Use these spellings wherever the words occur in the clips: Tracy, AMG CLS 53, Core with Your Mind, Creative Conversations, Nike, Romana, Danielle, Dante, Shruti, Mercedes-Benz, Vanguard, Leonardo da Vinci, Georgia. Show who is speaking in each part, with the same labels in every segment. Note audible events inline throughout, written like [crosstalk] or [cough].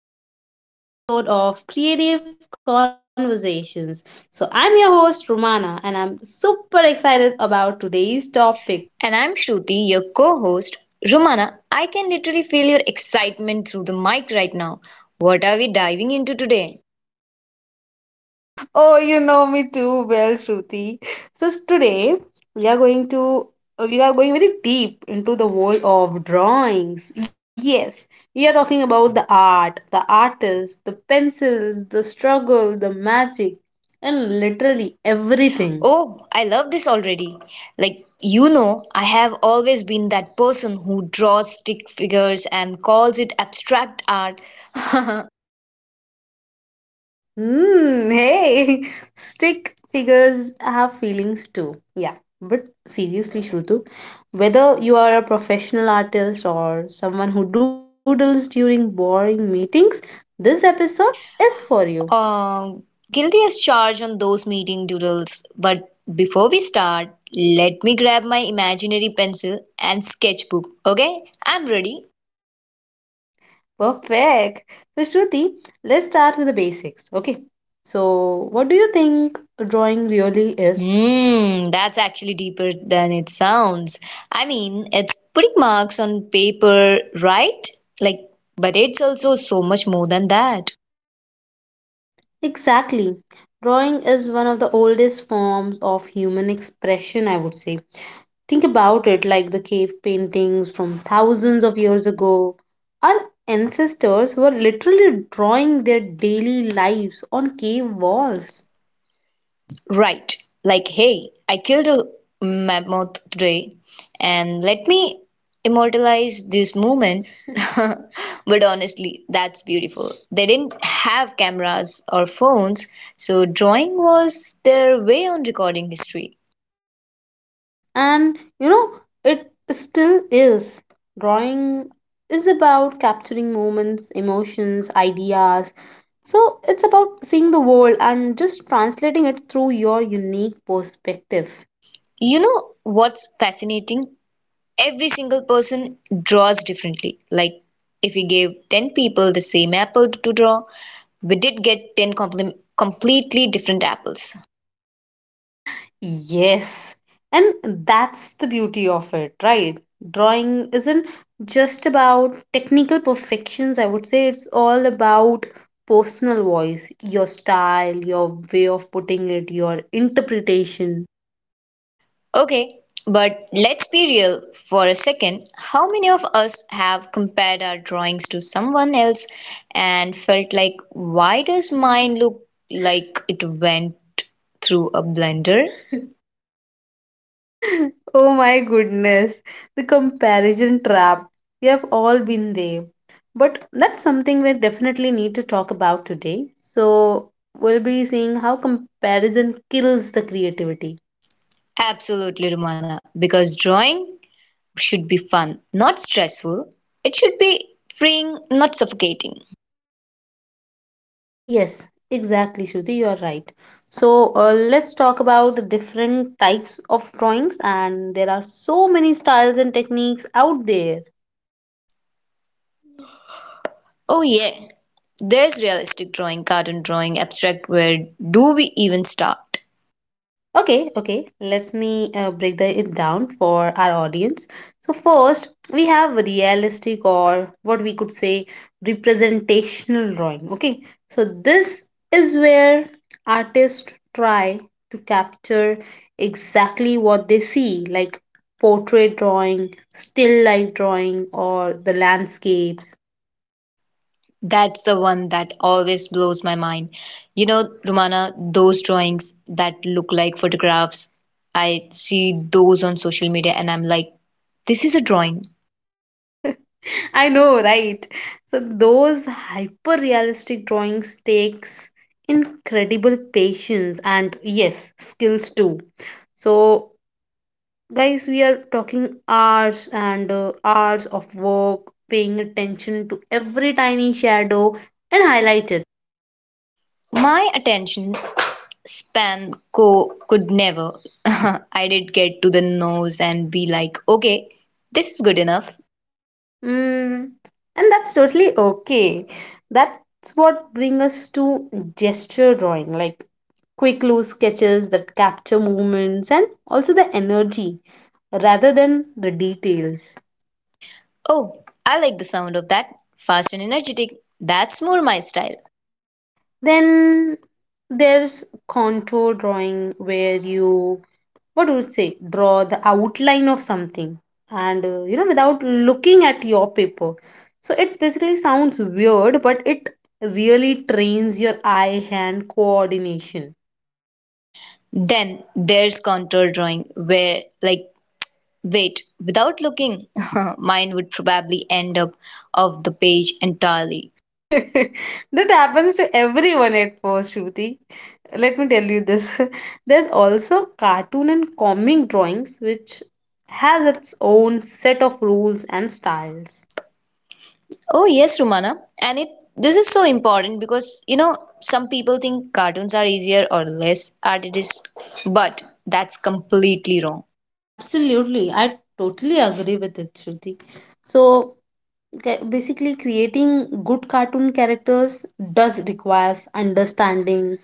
Speaker 1: and welcome back to another episode of Creative Conversations. I'm your host, Romana, and I'm super excited about today's topic.
Speaker 2: And I'm Shruti, your co host. Romana, I can literally feel your excitement through the mic right now. What are we diving into today?
Speaker 1: [laughs] Oh, you know me too well, Shruti. Today we are going to we are going very deep into the world of drawings. Yes, we are talking about the art, the artist, the pencils, the struggle, the magic, and literally everything.
Speaker 2: Oh, I love this already. Like, you know, I have always been that person who draws stick figures and calls it abstract art. [laughs]
Speaker 1: Hey, [laughs] stick figures have feelings too. Yeah, but seriously, Shrutu, whether you are a professional artist or someone who doodles during boring meetings, this episode is for you.
Speaker 2: uh, Guilty as charged on those meeting doodles. But before we start, let me grab my imaginary pencil and sketchbook, okay? I'm ready.
Speaker 1: Perfect. So, Shruti, let's start with the basics. Okay. So, what do you think drawing really is?
Speaker 2: Hmm, that's actually deeper than it sounds. I mean, it's putting marks on paper, right? Like, but it's also so much more than that.
Speaker 1: Exactly. Drawing is one of the oldest forms of human expression, I would say. Think about it, like the cave paintings from thousands of years ago. Our ancestors were literally drawing their daily lives on cave walls.
Speaker 2: Right. Like, hey, I killed a mammoth today, and let me immortalize this moment. [laughs] But honestly, that's beautiful. They didn't have cameras or phones, so drawing was their way on recording history.
Speaker 1: And you know, it still is. Drawing is about capturing moments, emotions, ideas. So it's about seeing the world and just translating it through your unique perspective.
Speaker 2: You know what's fascinating? Every single person draws differently. Like, if we gave 10 people the same apple to draw, we did get 10 completely different apples.
Speaker 1: Yes, and that's the beauty of it, right? Drawing isn't just about technical perfections, I would say it's all about personal voice, your style, your way of putting it, your interpretation.
Speaker 2: Okay, but let's be real for a second. How many of us have compared our drawings to someone else and felt like, why does mine look like it went through a blender? [laughs]
Speaker 1: [laughs] Oh my goodness, the comparison trap. We have all been there. But that's something we definitely need to talk about today. So, we'll be seeing how comparison kills the creativity.
Speaker 2: Absolutely, Romana, because drawing should be fun, not stressful. It should be freeing, not suffocating.
Speaker 1: Yes, exactly, Shruti, you are right. So, let's talk about the different types of drawings, and there are so many styles and techniques out there.
Speaker 2: Oh, yeah. There's realistic drawing, cartoon drawing, abstract. Where do we even start?
Speaker 1: Okay, okay. Let us me break it down for our audience. So first, we have realistic, or what we could say representational drawing. Okay, so this is where artists try to capture exactly what they see, like portrait drawing, still life drawing, or the landscapes.
Speaker 2: That's the one that always blows my mind. You know, Romana, those drawings that look like photographs, I see those on social media and I'm like, this is a drawing.
Speaker 1: [laughs] I know, right? So those hyper realistic drawings takes incredible patience and yes, skills too. So guys, we are talking hours and hours of work, paying attention to every tiny shadow and highlight it.
Speaker 2: My attention span could never. [laughs] I did get to the nose and be like, okay, this is good enough.
Speaker 1: Mm, and that's totally okay. That's what brings us to gesture drawing, like quick loose sketches that capture movements and also the energy rather than the details.
Speaker 2: Oh, I like the sound of that. Fast and energetic. That's more my style.
Speaker 1: Then there's contour drawing where you, what would you say, draw the outline of something and you know, without looking at your paper. So it's basically sounds weird, but it really trains your eye hand coordination.
Speaker 2: Then there's contour drawing, where, like, wait, without looking, [laughs] mine would probably end up off the page entirely.
Speaker 1: [laughs] That happens to everyone at first, Shruti. Let me tell you this. [laughs] There's also cartoon and comic drawings, which has its own set of rules and styles.
Speaker 2: Oh yes, Rumana. And it this is so important because you know some people think cartoons are easier or less artist, but that's completely wrong.
Speaker 1: Absolutely, I totally agree with it, Shruti. So basically, creating good cartoon characters does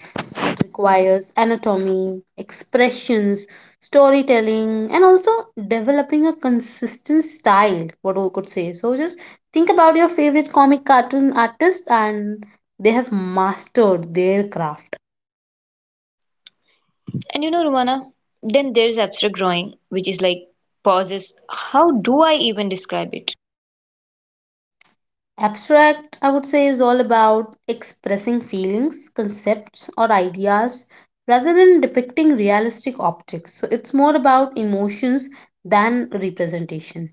Speaker 1: requires anatomy, expressions, storytelling, and also developing a consistent style, what we could say. So just think about your favorite comic cartoon artist and they have mastered their craft.
Speaker 2: And you know, Rumana, then there's abstract drawing, which is like pauses. How do I even describe it?
Speaker 1: Abstract, I would say, is all about expressing feelings, concepts, or ideas rather than depicting realistic objects. So it's more about emotions than representation.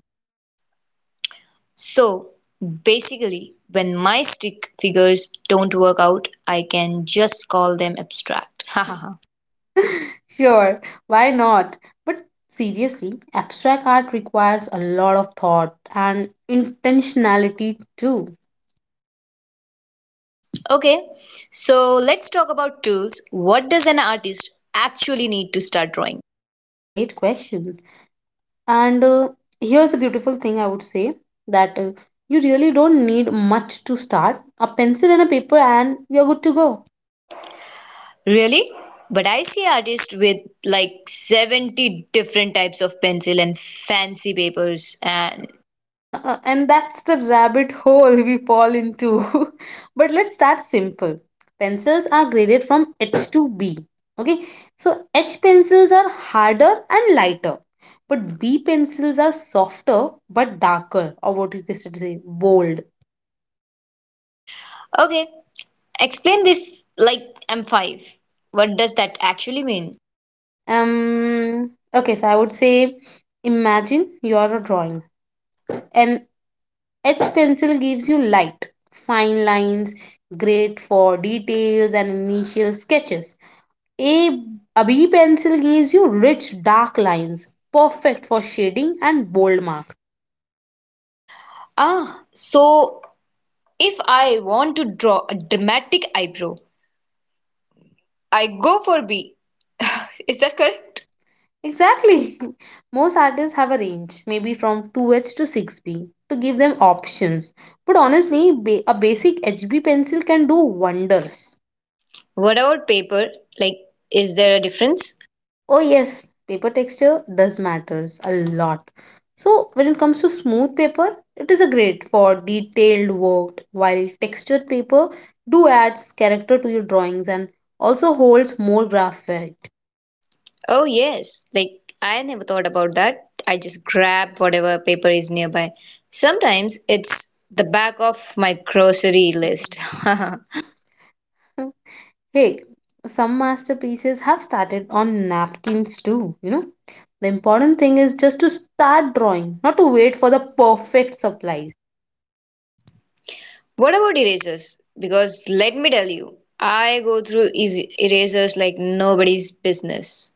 Speaker 2: So basically, when my stick figures don't work out, I can just call them abstract.
Speaker 1: Sure, why not? But seriously, abstract art requires a lot of thought and intentionality too.
Speaker 2: [laughs] Okay, so let's talk about tools. What does an artist actually need to start drawing?
Speaker 1: Great question. And here's a beautiful thing, I would say, that you really don't need much to start: a pencil and a paper, and you're good to go.
Speaker 2: Really? But I see artists with like 70 different types of pencil and fancy papers and
Speaker 1: And that's the rabbit hole we fall into. [laughs] But let's start simple. Pencils are graded from H to B. Okay, so H pencils are harder and lighter, but B pencils are softer but darker, or what you could say, bold.
Speaker 2: okay, explain this like I'm five. What does that actually mean?
Speaker 1: Okay, so I would say imagine you are a drawing. An H pencil gives you light, fine lines, great for details and initial sketches. A Abhi pencil gives you rich dark lines, perfect for shading and bold marks.
Speaker 2: Ah, so if I want to draw a dramatic eyebrow, I go for B. [laughs] Is that correct?
Speaker 1: Correct. Exactly. [laughs] Most artists have a range, maybe from 2H to 6B, to give them options. But honestly, a basic HB pencil can do wonders.
Speaker 2: What about paper? Like, is there a difference?
Speaker 1: Oh yes, paper texture does matters a lot. So when it comes to smooth paper, it is a great for detailed work, while textured paper do adds character to your drawings and also holds more graph value.
Speaker 2: Oh, yes. Like, I never thought about that. I just grab whatever paper is nearby. Sometimes it's the back of my grocery list. [laughs]
Speaker 1: [laughs] Hey, some masterpieces have started on napkins too, you know. The important thing is just to start drawing, not to wait for the perfect supplies. [laughs]
Speaker 2: What about erasers? Because let me tell you, I go through erasers like nobody's business.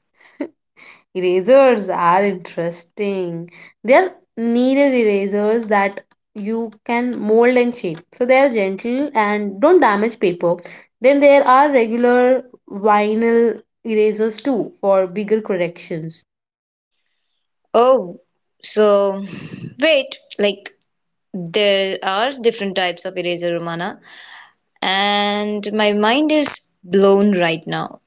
Speaker 1: Erasers are interesting. They are needed erasers that you can mold and shape. So they are gentle and don't damage paper. Then there are regular vinyl erasers too for bigger corrections.
Speaker 2: Oh, so wait, like there are different types of eraser, Romana, and my mind is blown right now.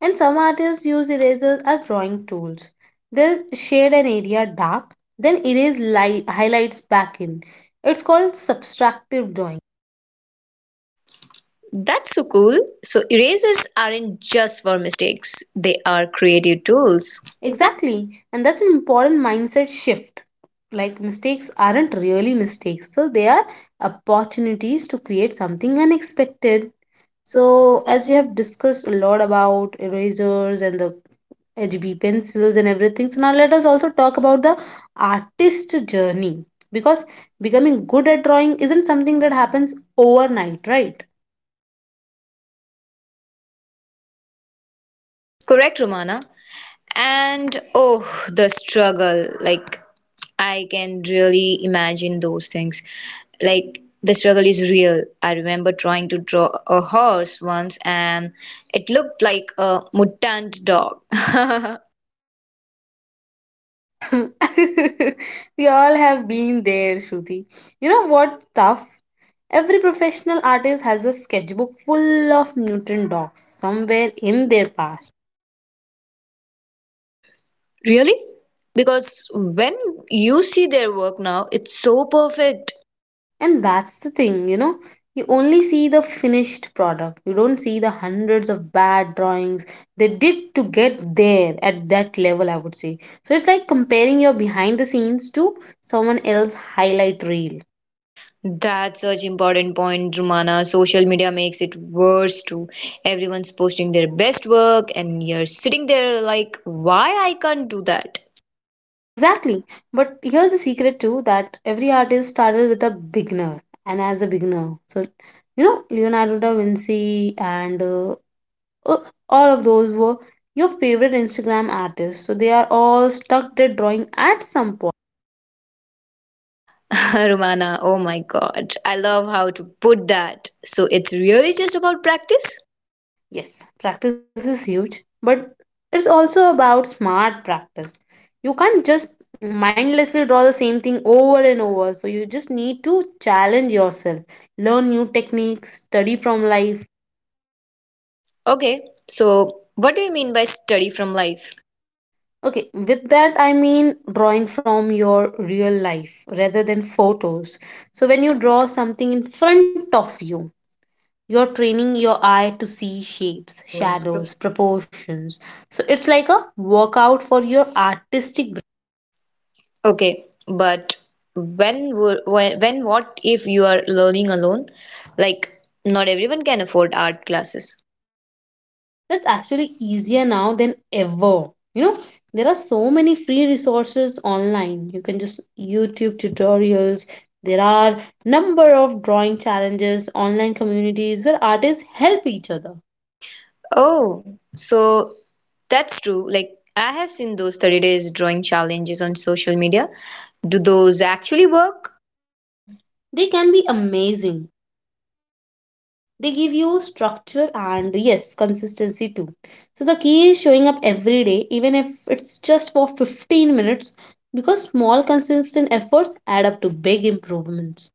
Speaker 1: And some artists use erasers as drawing tools. They'll shade an area dark, then erase light highlights back in. It's called subtractive drawing.
Speaker 2: That's so cool. So erasers aren't just for mistakes, they are creative tools. Exactly.
Speaker 1: Exactly, and that's an important mindset shift. Like mistakes aren't really mistakes, so they are opportunities to create something unexpected. So
Speaker 2: So, as
Speaker 1: as we
Speaker 2: we
Speaker 1: have
Speaker 2: have
Speaker 1: discussed a lot about erasers and the HB pencils and everything, so now let us also talk about the artist journey, because becoming good at drawing isn't something that happens overnight, right?
Speaker 2: Correct, Romana. And oh, the struggle. Like, I can really imagine those things. Like, the struggle is real. I remember trying to draw a horse once and it looked like a mutant dog. [laughs]
Speaker 1: [laughs] We all have been there, Shruti. You know what? Tough. Every professional artist has a sketchbook full of mutant dogs somewhere in their past.
Speaker 2: Really? Because when you see their work now, it's so perfect.
Speaker 1: And that's the thing, you know. You only see the finished product. You don't see the hundreds of bad drawings they did to get there at that level, I would say. So it's like comparing your behind the scenes to someone else's highlight reel.
Speaker 2: That's such important point, Rumana. Social media makes it worse too. Everyone's posting their best work and you're sitting there like, why I can't do that?
Speaker 1: Exactly. But here's the secret too, that every artist started with a beginner and as a beginner. So, you know, Leonardo da Vinci and uh, all of those were your favorite Instagram artists. So they are all stuck at drawing at some point.
Speaker 2: [laughs] Rumana, oh my god. I love how to put that. So it's really just about practice?
Speaker 1: Yes, practice is huge, but it's also about smart practice. You can't just mindlessly draw the same thing over and over. So you just need to challenge yourself, learn new techniques, study from life.
Speaker 2: Okay, so what do you mean by study from life?
Speaker 1: Okay, with that I mean drawing from your real life rather than photos. So when you draw something in front of you, you're training your eye to see shapes, shadows, proportions. So it's like a workout for your artistic brain.
Speaker 2: Okay, but when wo- when what if you are learning alone? Like not everyone can afford art classes.
Speaker 1: That's actually easier now than ever. You know, there are so many free resources online. You can just YouTube tutorials. There are number of drawing challenges, online communities where artists help each other.
Speaker 2: Oh, so that's true. Like, I have seen those 30 days drawing challenges on social media. Do those actually work?
Speaker 1: They can be amazing. They give you structure and yes, consistency too. So the key is showing up every day, even if it's just for 15 minutes, because small consistent efforts add up to big improvements.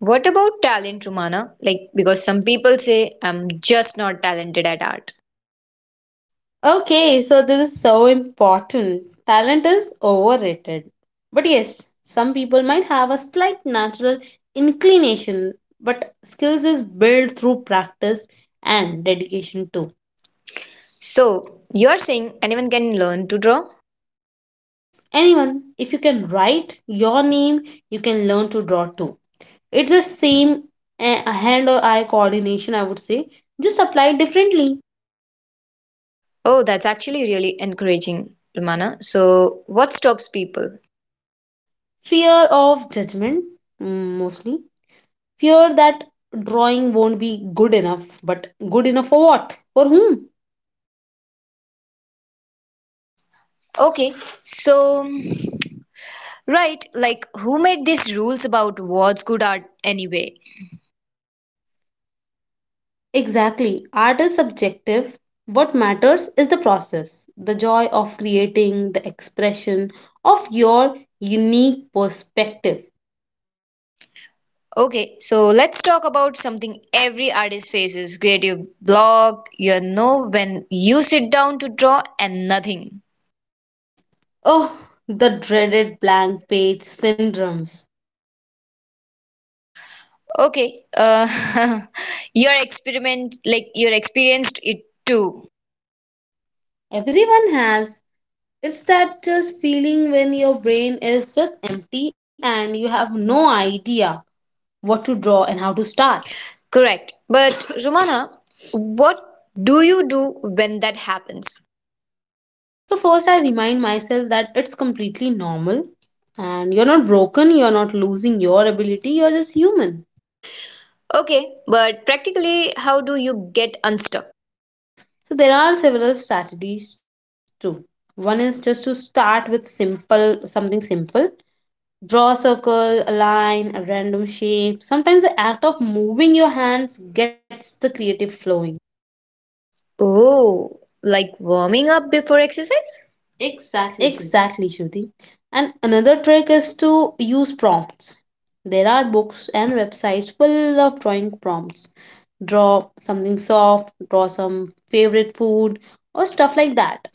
Speaker 2: What about talent, Romana? Like, because some people say I'm just not talented at art.
Speaker 1: Okay, so this is so important. Talent is overrated. But yes, some people might have a slight natural inclination, but skills is built through practice and dedication too.
Speaker 2: So, you're saying anyone can learn to draw?
Speaker 1: Yes, anyone. If you can write your name, you can learn to draw too. It's the same hand or eye coordination, I would say, just applied differently.
Speaker 2: Oh, that's actually really encouraging, Romana. So, what stops people?
Speaker 1: Fear of judgment, mostly. Fear that drawing won't be good enough, but good enough for what? For whom?
Speaker 2: Okay, so, right, like, who made these rules about what's good art anyway?
Speaker 1: Exactly. Art is subjective. What matters is the process, the joy of creating, the expression of your unique perspective.
Speaker 2: Okay, so let's talk about something every artist faces creative block. You know, when you sit down to draw and nothing.
Speaker 1: Oh, the dreaded blank page syndromes.
Speaker 2: Okay, [laughs] your experiment, like you're experienced it too.
Speaker 1: Everyone has. It's that just feeling when your brain is just empty and you have no idea what to draw and how to start.
Speaker 2: Correct. But Romana, what do you do when that happens?
Speaker 1: So, first, I remind myself that it's completely normal and you're not broken, you're not losing your ability, you're just human.
Speaker 2: Okay, but practically, how do you get unstuck?
Speaker 1: So, there are several strategies too. One is just to start with something simple. Draw a circle, a line, a random shape. Sometimes the act of moving your hands gets the creative flowing.
Speaker 2: Oh, like warming up before exercise?
Speaker 1: Exactly, Shruti. And another trick is to use prompts. There are books and websites full of drawing prompts. Draw something soft, draw some favorite food, or stuff like that.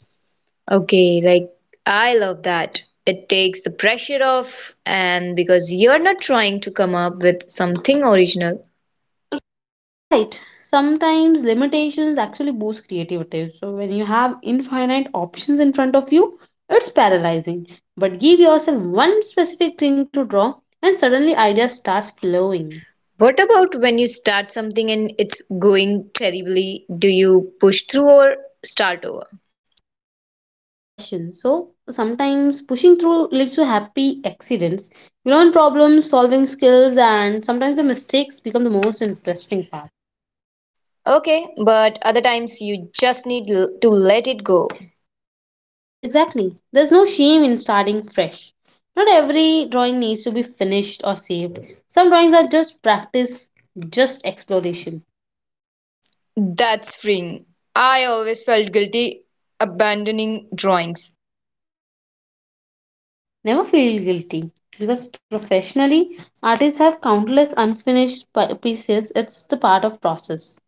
Speaker 2: Okay, like I love that. It takes the pressure off, and because you're not trying to come up with something original.
Speaker 1: Right. Sometimes limitations actually boost creativity. So when you have infinite options in front of you, it's paralyzing. But give yourself one specific thing to draw and suddenly ideas start flowing.
Speaker 2: What about when you start something and it's going terribly? Do you push through or start over?
Speaker 1: Great question. So sometimes pushing through leads to happy accidents. You learn problem solving skills and sometimes the mistakes become the most interesting part.
Speaker 2: Okay, but other times you just need to let it go.
Speaker 1: Yes, exactly. There's no shame in starting fresh. Not every drawing needs to be finished or saved. Some drawings are just practice, just exploration.
Speaker 2: That's freeing. I always felt guilty abandoning drawings.
Speaker 1: Never feel guilty, because professionally, artists have countless unfinished pieces. It's the part of process.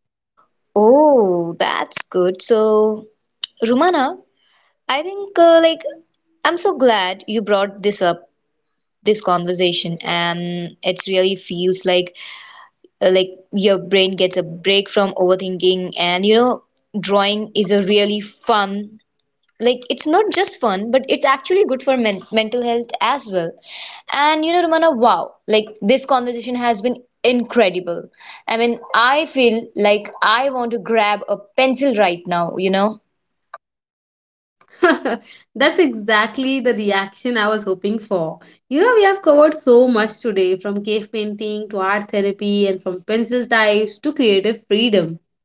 Speaker 2: Oh, that's good. So, Rumana, I think like I'm so glad you brought this up, this conversation, and it's really feels like your brain gets a break from overthinking, and you know, drawing is a really fun. Like it's not just fun, but it's actually good for men mental health as well. And you know, Romana, wow, like this conversation has been incredible. I mean, I feel like I want to grab a pencil right now, you know?
Speaker 1: [laughs] That's exactly the reaction I was hoping for. You know, we have covered so much today, from cave painting to art therapy and from pencil types to creative freedom.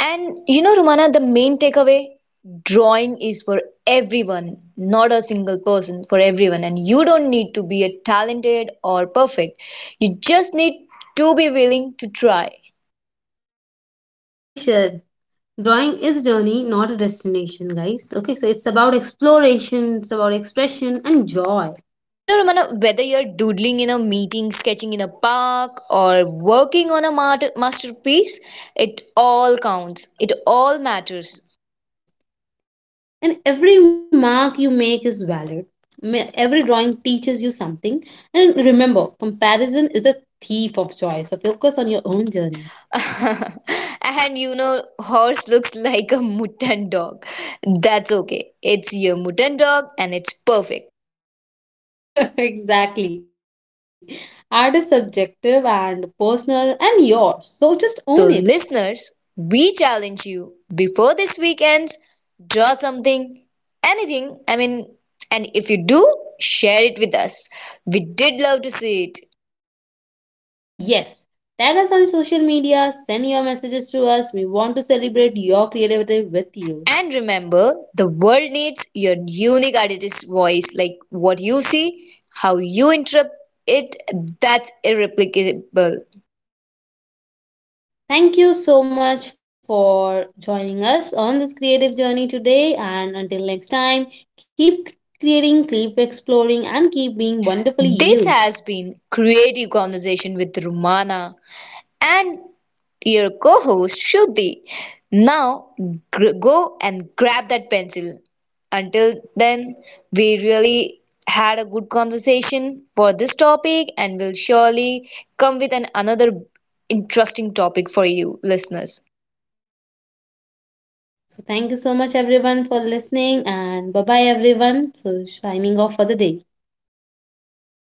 Speaker 2: And you know, Rumana, the main takeaway drawing is for everyone, not a single person, for everyone. And you don't need to be a talented or perfect. You just need to be willing to try.
Speaker 1: Beautifully shared. Drawing is journey, not a destination, guys. Okay, so it's about exploration, it's about expression and joy.
Speaker 2: You know, Ramana, whether you're doodling in a meeting, sketching in a park, or working on a masterpiece, it all counts. It all matters.
Speaker 1: And every mark you make is valid. Every drawing teaches you something. And remember, comparison is a thief of joy. So focus on your own journey.
Speaker 2: [laughs] And you know, horse looks like a mutton dog. That's okay. It's your mutton dog and it's perfect.
Speaker 1: [laughs] Exactly. Art is subjective and personal and yours. So just own it.
Speaker 2: So, listeners, we challenge you before this week ends, draw something, anything. I mean, and if you do, share it with us. We did love to see it.
Speaker 1: Yes. Tag us on social media, send your messages to us. We want to celebrate your creativity with you.
Speaker 2: And remember, the world needs your unique artist's voice, like what you see, how you interpret it, that's irreplicable.
Speaker 1: Thank you so much for joining us on this creative journey today. And until next time, keep creating, keep exploring, and keep being wonderfully
Speaker 2: This
Speaker 1: you.
Speaker 2: has been Creative Conversation with Rumana and your co host Shruti. Now go and grab that pencil. Until then, we
Speaker 1: Until.
Speaker 2: really had a good conversation for this topic and will surely come with an another interesting topic for you listeners.
Speaker 1: So, thank you so much, everyone, for listening. And bye bye, everyone. So, signing off for the day.